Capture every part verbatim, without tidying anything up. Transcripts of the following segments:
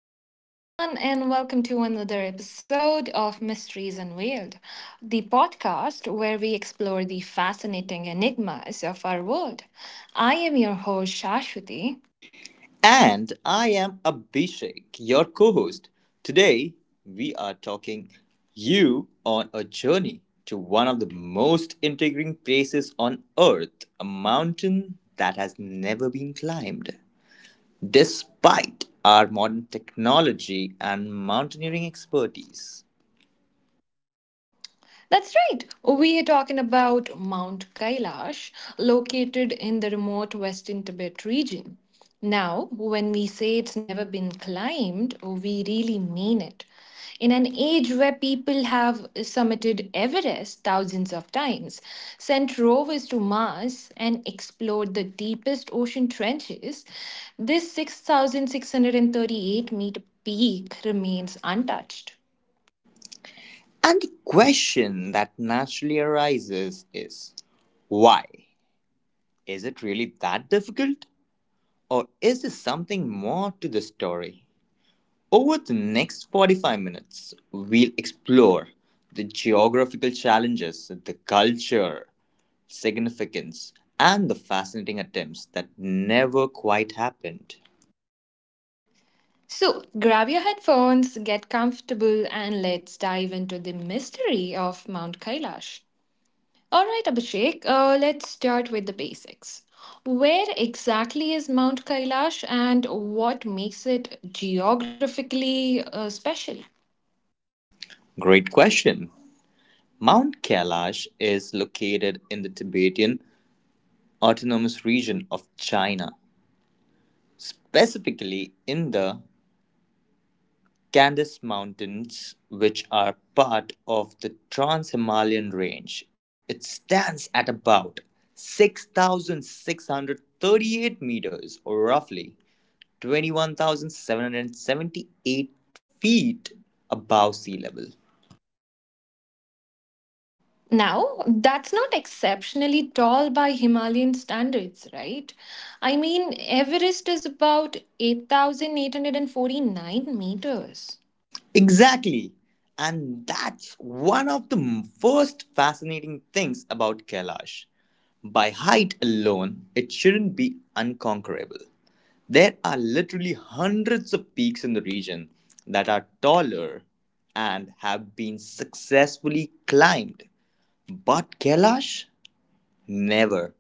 Hello, everyone, and welcome to another episode of Mysteries Unveiled, the podcast where we explore the fascinating enigmas of our world. I am your host, Shashwati. And I am Abhishek, your co host. Today, we are talking you on a journey to one of the most intriguing places on earth, a mountain that has never been climbed. Despite our modern technology and mountaineering expertise. That's right. We are talking about Mount Kailash, located in the remote Western Tibet region. Now, when we say it's never been climbed, we really mean it. In an age where people have summited Everest thousands of times, sent rovers to Mars, and explored the deepest ocean trenches, this six thousand six hundred thirty-eight meter peak remains untouched. And the question that naturally arises is why? Is it really that difficult? Or is there something more to the story? Over the next forty-five minutes, we'll explore the geographical challenges, the culture, significance, and the fascinating attempts that never quite happened. So, grab your headphones, get comfortable, and let's dive into the mystery of Mount Kailash. All right, Abhishek, uh, let's start with the basics. Where exactly is Mount Kailash and what makes it geographically uh, special? Great question. Mount Kailash is located in the Tibetan Autonomous Region of China, specifically in the Candace Mountains, which are part of the Trans Himalayan Range. It stands at about six thousand six hundred thirty-eight meters, or roughly twenty-one thousand seven hundred seventy-eight feet above sea level. Now, that's not exceptionally tall by Himalayan standards, right? I mean, Everest is about eight thousand eight hundred forty-nine meters. Exactly. And that's one of the m- first fascinating things about Kailash. By height alone, it shouldn't be unconquerable. There are literally hundreds of peaks in the region that are taller and have been successfully climbed. But Kailash? Never.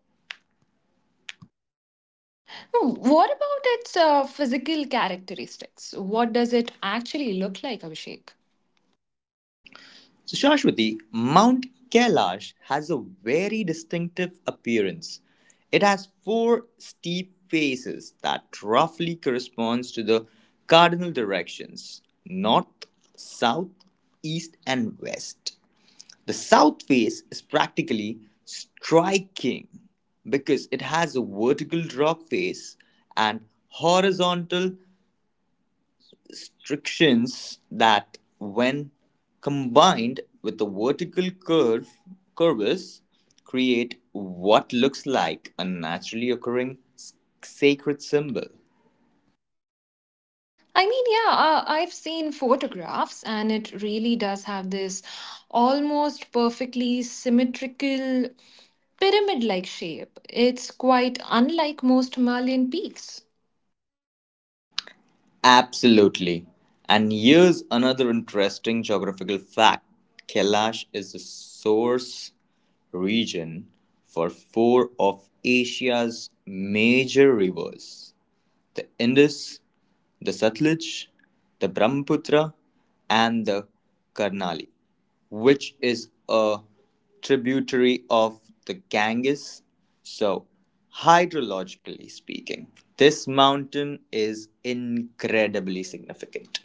Hmm, what about its uh, physical characteristics? What does it actually look like, Abhishek? So, Shashwati, Mount Kailash has a very distinctive appearance. It has four steep faces that roughly corresponds to the cardinal directions north, south, east, and west. The south face is practically striking because it has a vertical rock face and horizontal strictions that, when combined with the vertical curve curves, create what looks like a naturally occurring s- sacred symbol. I mean, yeah, uh, I've seen photographs, and it really does have this almost perfectly symmetrical pyramid like shape. It's quite unlike most Himalayan peaks. Absolutely. And here's another interesting geographical fact, Kailash is the source region for four of Asia's major rivers: the Indus, the Satluj, the Brahmaputra, and the Karnali, which is a tributary of the Ganges. So, hydrologically speaking, this mountain is incredibly significant.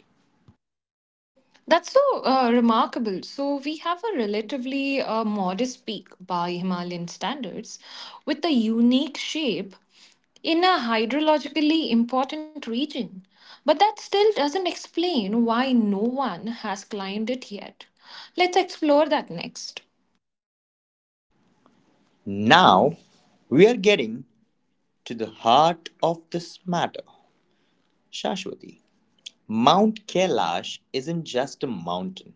That's so uh, remarkable. So, we have a relatively uh, modest peak by Himalayan standards with a unique shape in a hydrologically important region. But that still doesn't explain why no one has climbed it yet. Let's explore that next. Now, we are getting to the heart of this matter, Shashwati. Mount Kailash isn't just a mountain,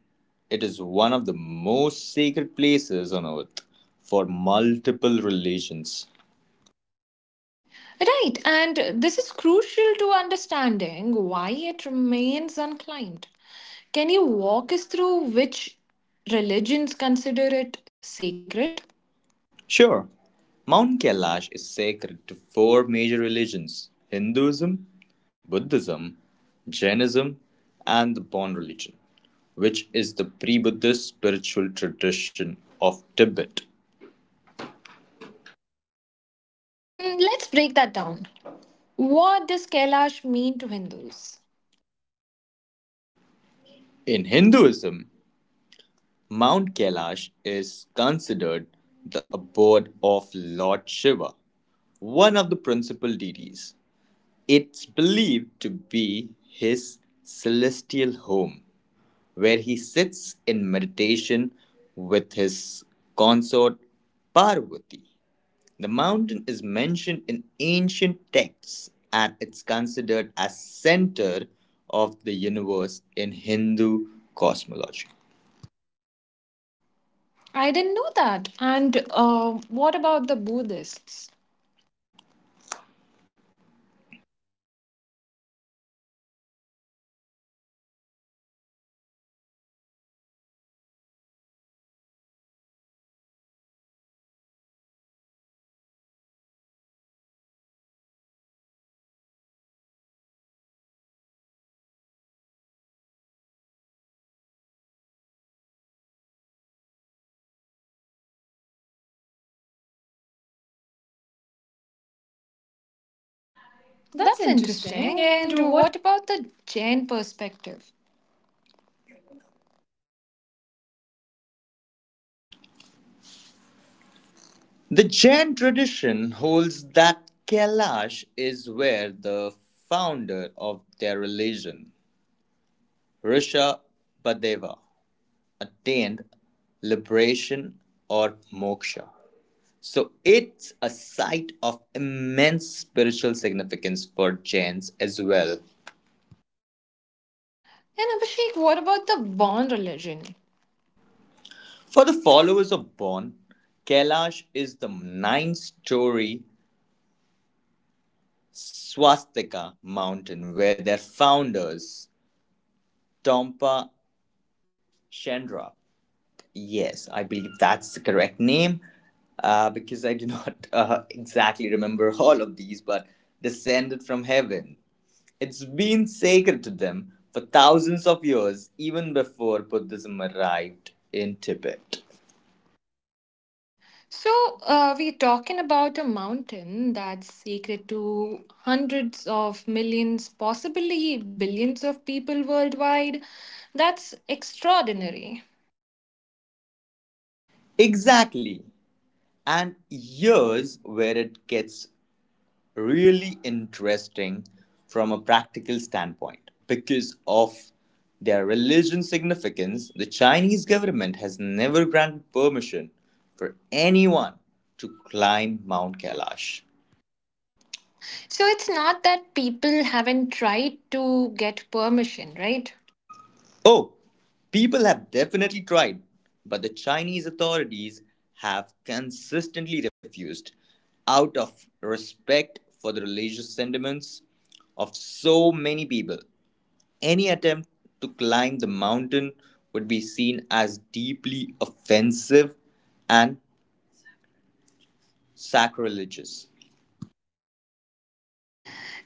it is one of the most sacred places on earth for multiple religions. Right, and this is crucial to understanding why it remains unclimbed. Can you walk us through which religions consider it sacred? Sure, Mount Kailash is sacred to four major religions: Hinduism, Buddhism, Jainism, and the Bon religion, which is the pre Buddhist spiritual tradition of Tibet. Mm, let's break that down. What does Kailash mean to Hindus? In Hinduism, Mount Kailash is considered the abode of Lord Shiva, one of the principal deities. It's believed to be his celestial home, where he sits in meditation with his consort Parvati. The mountain is mentioned in ancient texts and it's considered as center of the universe in Hindu cosmology. I didn't know that. And uh, what about the Buddhists? That's That's interesting. interesting. And And what? what about the Jain perspective? The Jain tradition holds that Kailash is where the founder of their religion, Rishabhadeva, attained liberation or moksha. So it's a site of immense spiritual significance for Jains as well. And Abhishek, what about the born religion? For the followers of Bon, Kailash is the nine story swastika mountain where their founders, Tompa Chandra, yes, I believe that's the correct name, uh, because I do not uh, exactly remember all of these, but descended from heaven. It's been sacred to them for thousands of years, even before Buddhism arrived in Tibet. So, uh, we're talking about a mountain that's sacred to hundreds of millions, possibly billions of people worldwide. That's extraordinary. Exactly. And here's where it gets really interesting from a practical standpoint. Because of their religion significance, the Chinese government has never granted permission for anyone to climb Mount Kailash. So, it's not that people haven't tried to get permission, right? Oh, people have definitely tried, but the Chinese authorities have consistently refused out of respect for the religious sentiments of so many people. Any attempt to climb the mountain would be seen as deeply offensive and sacrilegious.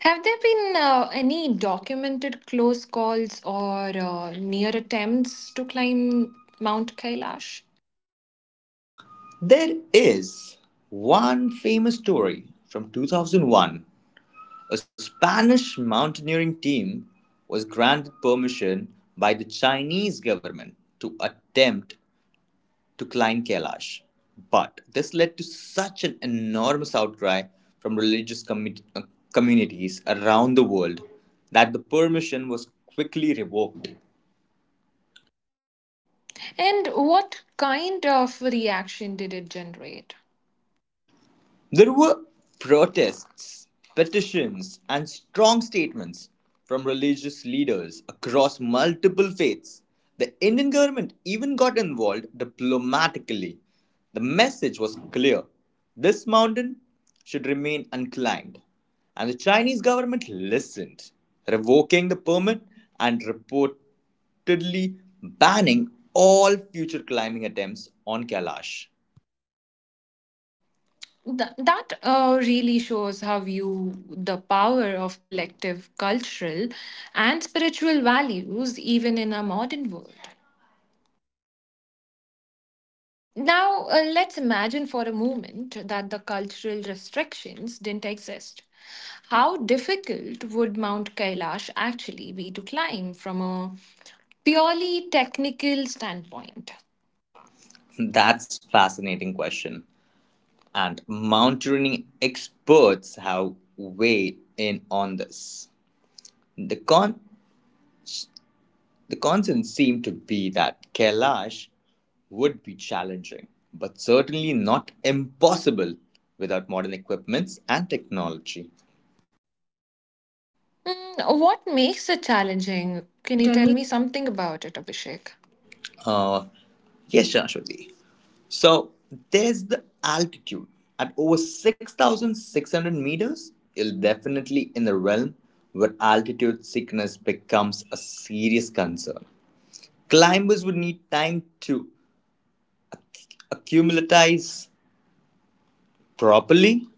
Have there been uh, any documented close calls or uh, near attempts to climb Mount Kailash? There is one famous story from two thousand one. A Spanish mountaineering team was granted permission by the Chinese government to attempt to climb Kailash. But this led to such an enormous outcry from religious commi- uh, communities around the world that the permission was quickly revoked. And what kind of reaction did it generate? There were protests, petitions, and strong statements from religious leaders across multiple faiths. The Indian government even got involved diplomatically. The message was clear: this mountain should remain unclimbed. And the Chinese government listened, revoking the permit and reportedly banning all future climbing attempts on Kailash. Th- that uh, really shows how you the power of collective cultural and spiritual values even in a modern world. Now, uh, let's imagine for a moment that the cultural restrictions didn't exist. How difficult would Mount Kailash actually be to climb from a purely technical standpoint? That's a fascinating question, and mountaineering experts have weighed in on this. The, con- the consensus seemed to be that Kailash would be challenging, but certainly not impossible without modern equipments and technology. Mm, what makes it challenging? Can Can you you tell tell me? me something about it, Abhishek? Uh, yes, Shashwati. So there's the altitude. At over six thousand six hundred meters, you're definitely in the realm where altitude sickness becomes a serious concern. Climbers would need time to acclimatize properly.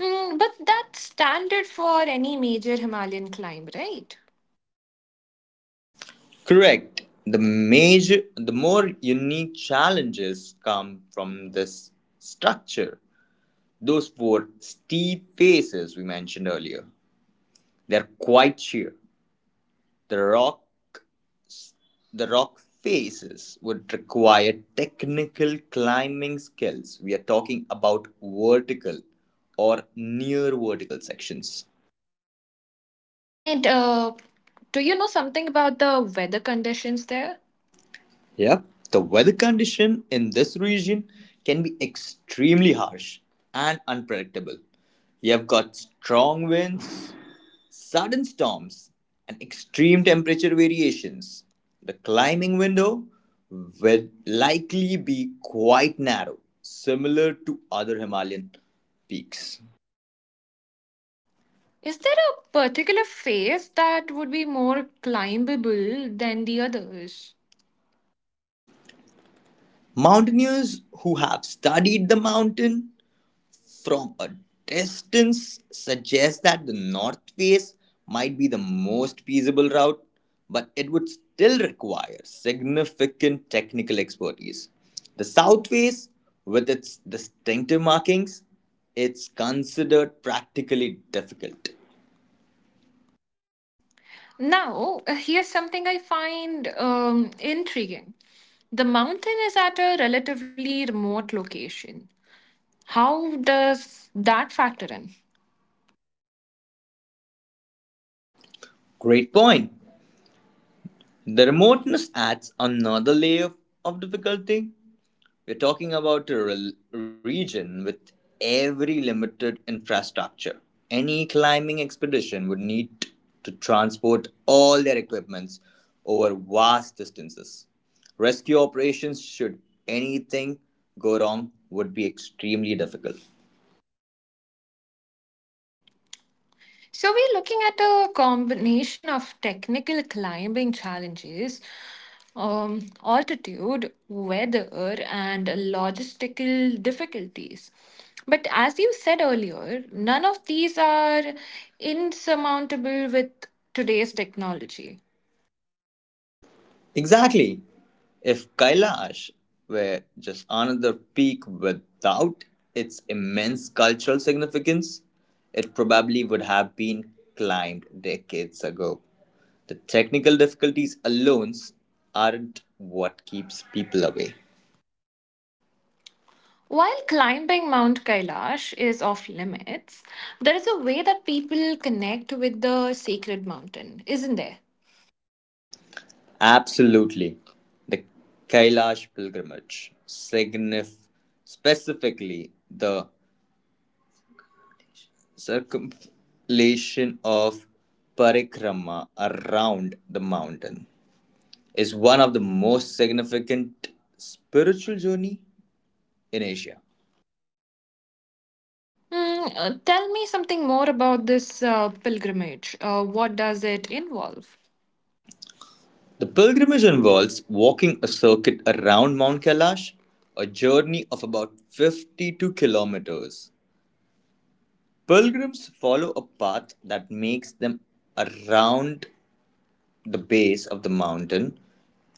Mm, but that's standard for any major Himalayan climb, right? Correct. The major the more unique challenges come from this structure. Those four steep faces we mentioned earlier. They're quite sheer. The rock the rock faces would require technical climbing skills. We are talking about vertical or near vertical sections. And uh, do you know something about the weather conditions there? Yep, the weather condition in this region can be extremely harsh and unpredictable. You have got strong winds, sudden storms, and extreme temperature variations. The climbing window will likely be quite narrow, similar to other Himalayan peaks. Is there a particular phase that would be more climbable than the others? Mountaineers who have studied the mountain from a distance suggests that the north face might be the most feasible route, but it would still require significant technical expertise. The south face, with its distinctive markings, it's considered practically difficult. Now, uh, here's something I find um, intriguing. The mountain is at a relatively remote location. How does that factor in? Great point. The remoteness adds another layer of difficulty. We're talking about a rel- region with every limited infrastructure. Any climbing expedition would need to transport all their equipments over vast distances. Rescue operations, should anything go wrong, would be extremely difficult. So we're looking at a combination of technical climbing challenges, um, altitude, weather, and logistical difficulties. But as you said earlier, none of these are insurmountable with today's technology. Exactly. If Kailash were just another peak without its immense cultural significance, it probably would have been climbed decades ago. The technical difficulties alone aren't what keeps people away. While climbing Mount Kailash is off limits, there is a way that people connect with the sacred mountain, isn't there? Absolutely. The Kailash pilgrimage, signif- specifically the circumvallation of Parikrama around the mountain, is one of the most significant spiritual journey in Asia. Mm, uh, tell me something more about this uh, pilgrimage. Uh, what does it involve? The pilgrimage involves walking a circuit around Mount Kailash, a journey of about fifty-two kilometers. Pilgrims follow a path that makes them around the base of the mountain,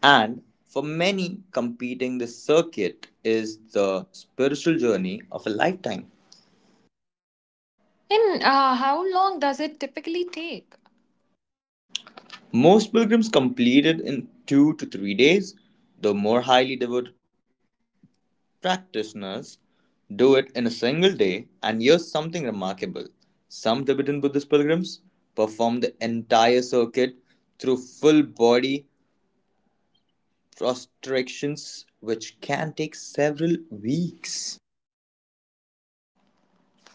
and for many, completing the circuit is the spiritual journey of a lifetime. In uh, how long does it typically take? Most pilgrims complete it in two to three days, though more highly devout practitioners do it in a single day. And here's something remarkable: some Tibetan Buddhist pilgrims perform the entire circuit through full body prostrations, which can take several weeks.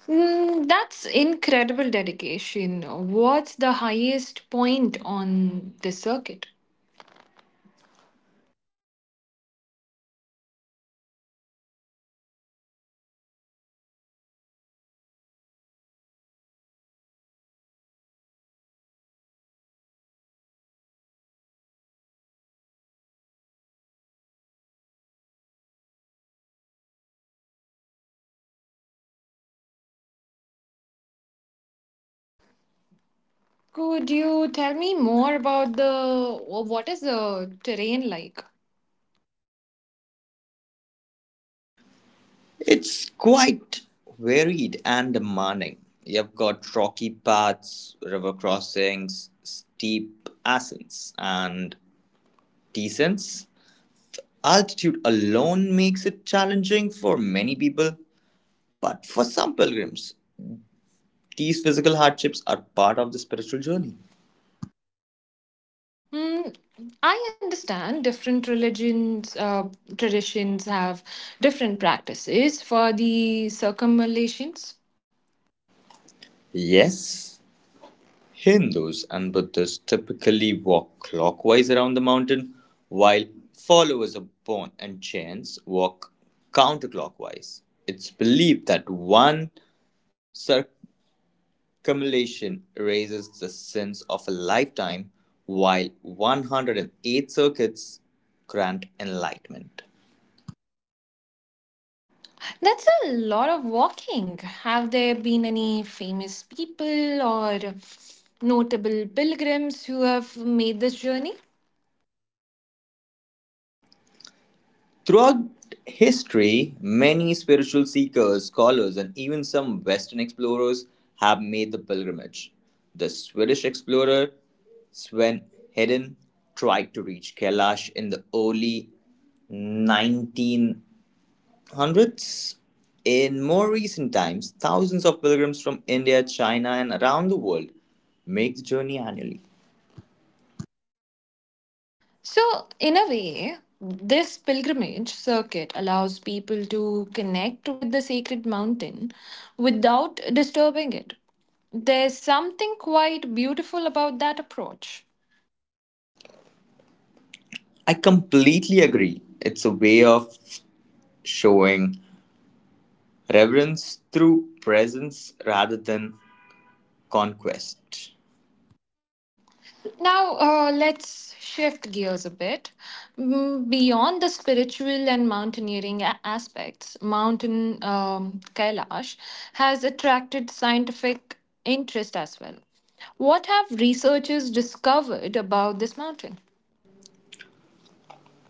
Mm, that's incredible dedication. What's the highest point on this circuit? Could you tell me more about the uh, what is the terrain like? It's quite varied and demanding. You've got rocky paths, river crossings, steep ascents, and decent. Altitude alone makes it challenging for many people, but for some pilgrims, these physical hardships are part of the spiritual journey. Hmm, I understand different religions, uh, traditions have different practices for the circumvallations. Yes, Hindus and Buddhists typically walk clockwise around the mountain, while followers of Bon and Chants walk counterclockwise. It's believed that one circle accumulation raises the sins of a lifetime, while one hundred eight circuits grant enlightenment. That's a lot of walking. Have there been any famous people or notable pilgrims who have made this journey? Throughout history, many spiritual seekers, scholars, and even some Western explorers have made the pilgrimage. The Swedish explorer Sven Hedin tried to reach Kailash in the early nineteen hundreds. In more recent times, thousands of pilgrims from India, China, and around the world make the journey annually. So, in a way, this pilgrimage circuit allows people to connect with the sacred mountain without disturbing it. There's something quite beautiful about that approach. I completely agree. It's a way of showing reverence through presence rather than conquest. Now, uh, let's shift gears a bit. Mm, beyond the spiritual and mountaineering a- aspects, Mountain um, Kailash has attracted scientific interest as well. What have researchers discovered about this mountain?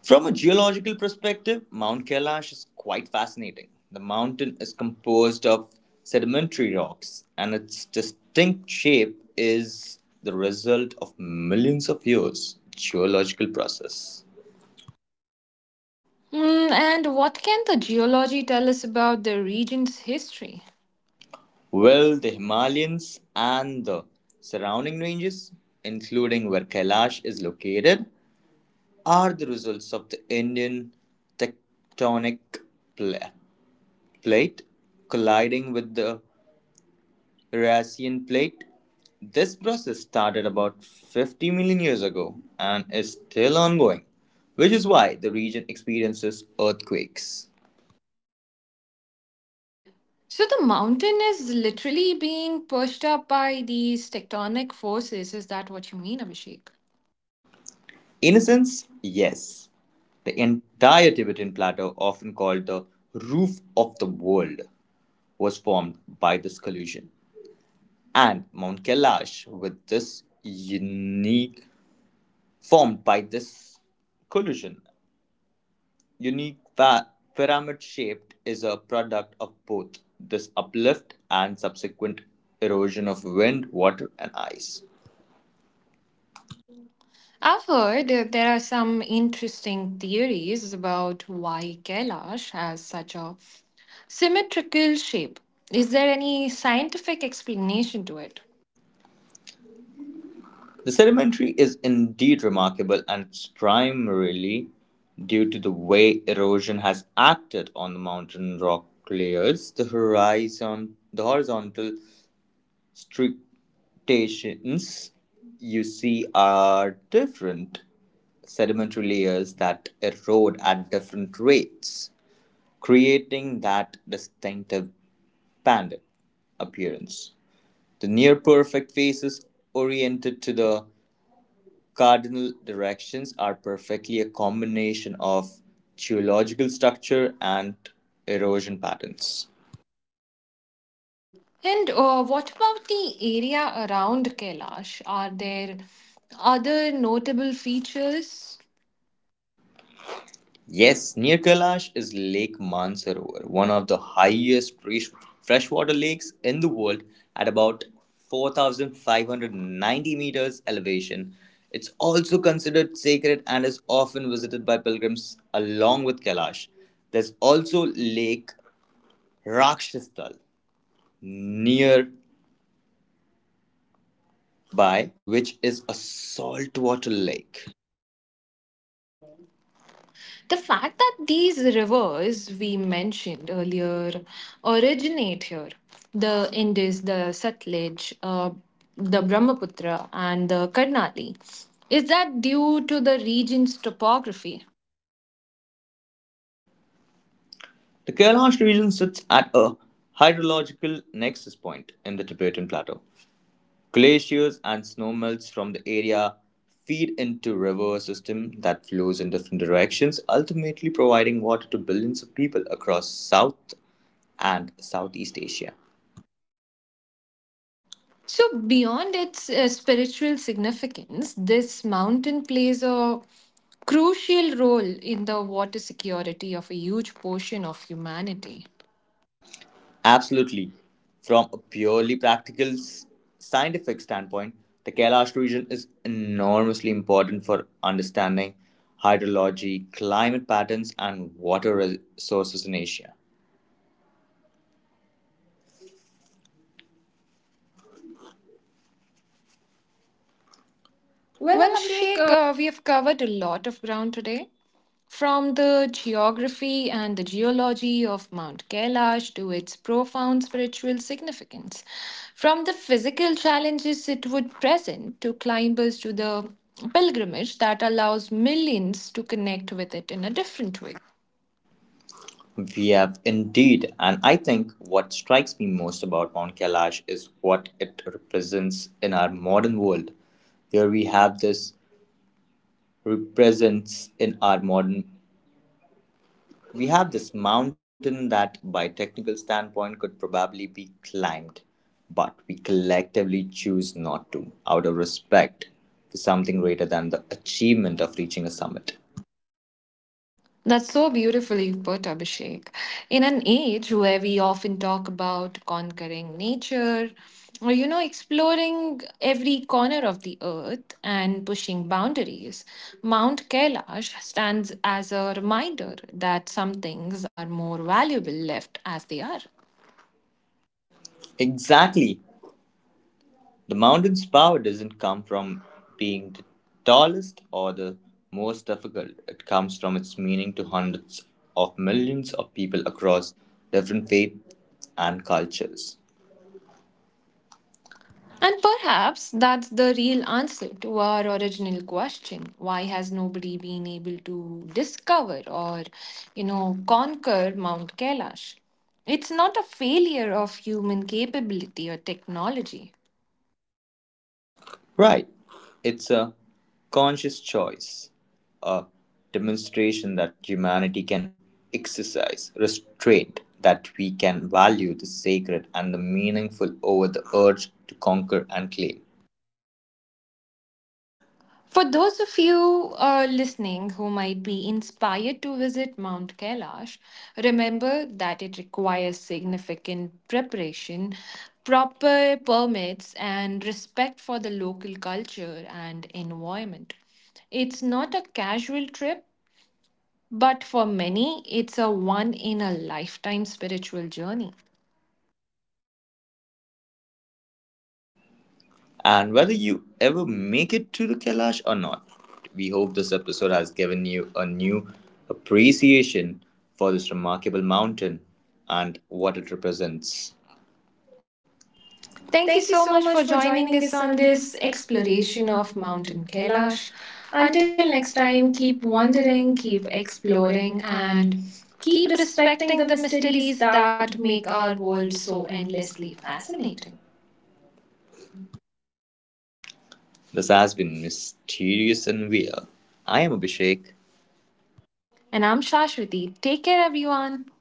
From a geological perspective, Mount Kailash is quite fascinating. The mountain is composed of sedimentary rocks, and its distinct shape is the result of millions of years geological process. Mm, and what can the geology tell us about the region's history? Well, the Himalayas and the surrounding ranges, including where Kailash is located, are the results of the Indian tectonic pla- plate colliding with the Eurasian plate. This process started about fifty million years ago and is still ongoing, which is why the region experiences earthquakes. So the mountain is literally being pushed up by these tectonic forces. Is that what you mean, Abhishek? In a sense, yes, the entire Tibetan plateau, often called the roof of the world, was formed by this collision. And Mount Kailash with this unique formed by this collision unique pa- pyramid shaped is a product of both this uplift and subsequent erosion of wind, water, and ice. I've heard that there are some interesting theories about why Kailash has such a symmetrical shape. Is there any scientific explanation to it? The sedimentary is indeed remarkable and it's primarily due to the way erosion has acted on the mountain rock layers, the horizon the horizontal stratations you see are different sedimentary layers that erode at different rates, creating that distinctive bandit appearance. The near perfect faces oriented to the cardinal directions are perfectly a combination of geological structure and erosion patterns. And uh, what about the area around Kailash? Are there other notable features? Yes, near Kailash is Lake Mansarovar, one of the highest fresh- freshwater lakes in the world at about four thousand five hundred ninety meters elevation. It's also considered sacred and is often visited by pilgrims along with Kailash. There's also Lake Rakshasthal nearby, which is a saltwater lake. The fact that these rivers we mentioned earlier originate here the Indus, the Satluj, uh, the Brahmaputra, and the Karnali, is that due to the region's topography? The Kailash region sits at a hydrological nexus point in the Tibetan Plateau. Glaciers and snowmelts from the area feed into river system that flows in different directions, ultimately providing water to billions of people across South and Southeast Asia. So, beyond its uh, spiritual significance, this mountain plays a crucial role in the water security of a huge portion of humanity. Absolutely. From a purely practical s- scientific standpoint, the Kailash region is enormously important for understanding hydrology, climate patterns, and water res- sources in Asia. Well, Well, Abhishek, Abhishek, uh, uh, we have covered a lot of ground today. From the geography and the geology of Mount Kailash to its profound spiritual significance, from the physical challenges it would present to climbers to the pilgrimage that allows millions to connect with it in a different way. we have indeed, and I think what strikes me most about Mount Kailash is what it represents in our modern world. Here we have this represents in our modern we have this mountain that by technical standpoint could probably be climbed, but we collectively choose not to out of respect for something greater than the achievement of reaching a summit. That's so beautifully put, Abhishek. In an age where we often talk about conquering nature, or you know, exploring every corner of the earth and pushing boundaries, Mount Kailash stands as a reminder that some things are more valuable left as they are. Exactly. The mountain's power doesn't come from being the tallest or the most difficult. It comes from its meaning to hundreds of millions of people across different faiths and cultures. And perhaps that's the real answer to our original question. Why has nobody been able to discover or, you know, conquer Mount Kailash? It's not a failure of human capability or technology. Right. It's a conscious choice, a demonstration that humanity can exercise restraint, that we can value the sacred and the meaningful over the urge to conquer and claim. For those of you uh, listening who might be inspired to visit Mount Kailash, remember that it requires significant preparation, proper permits, and respect for the local culture and environment. It's not a casual trip, but for many, it's a one in a lifetime spiritual journey. And whether you ever make it to the Kailash or not. We hope this episode has given you a new appreciation for this remarkable mountain and what it represents. Thank Thank you you so so much much for for joining joining us us on on this this exploration exploration of of Mountain Mountain Kailash. Kailash. Until Until next next time, time, keep keep wandering, wandering, keep keep exploring, exploring, and and keep keep respecting respecting the the mysteries mysteries that that make make our our world world so so endlessly endlessly fascinating. fascinating. This has been Mysterious and Weird. I am Abhishek. And I'm Shashwati. Take care, everyone.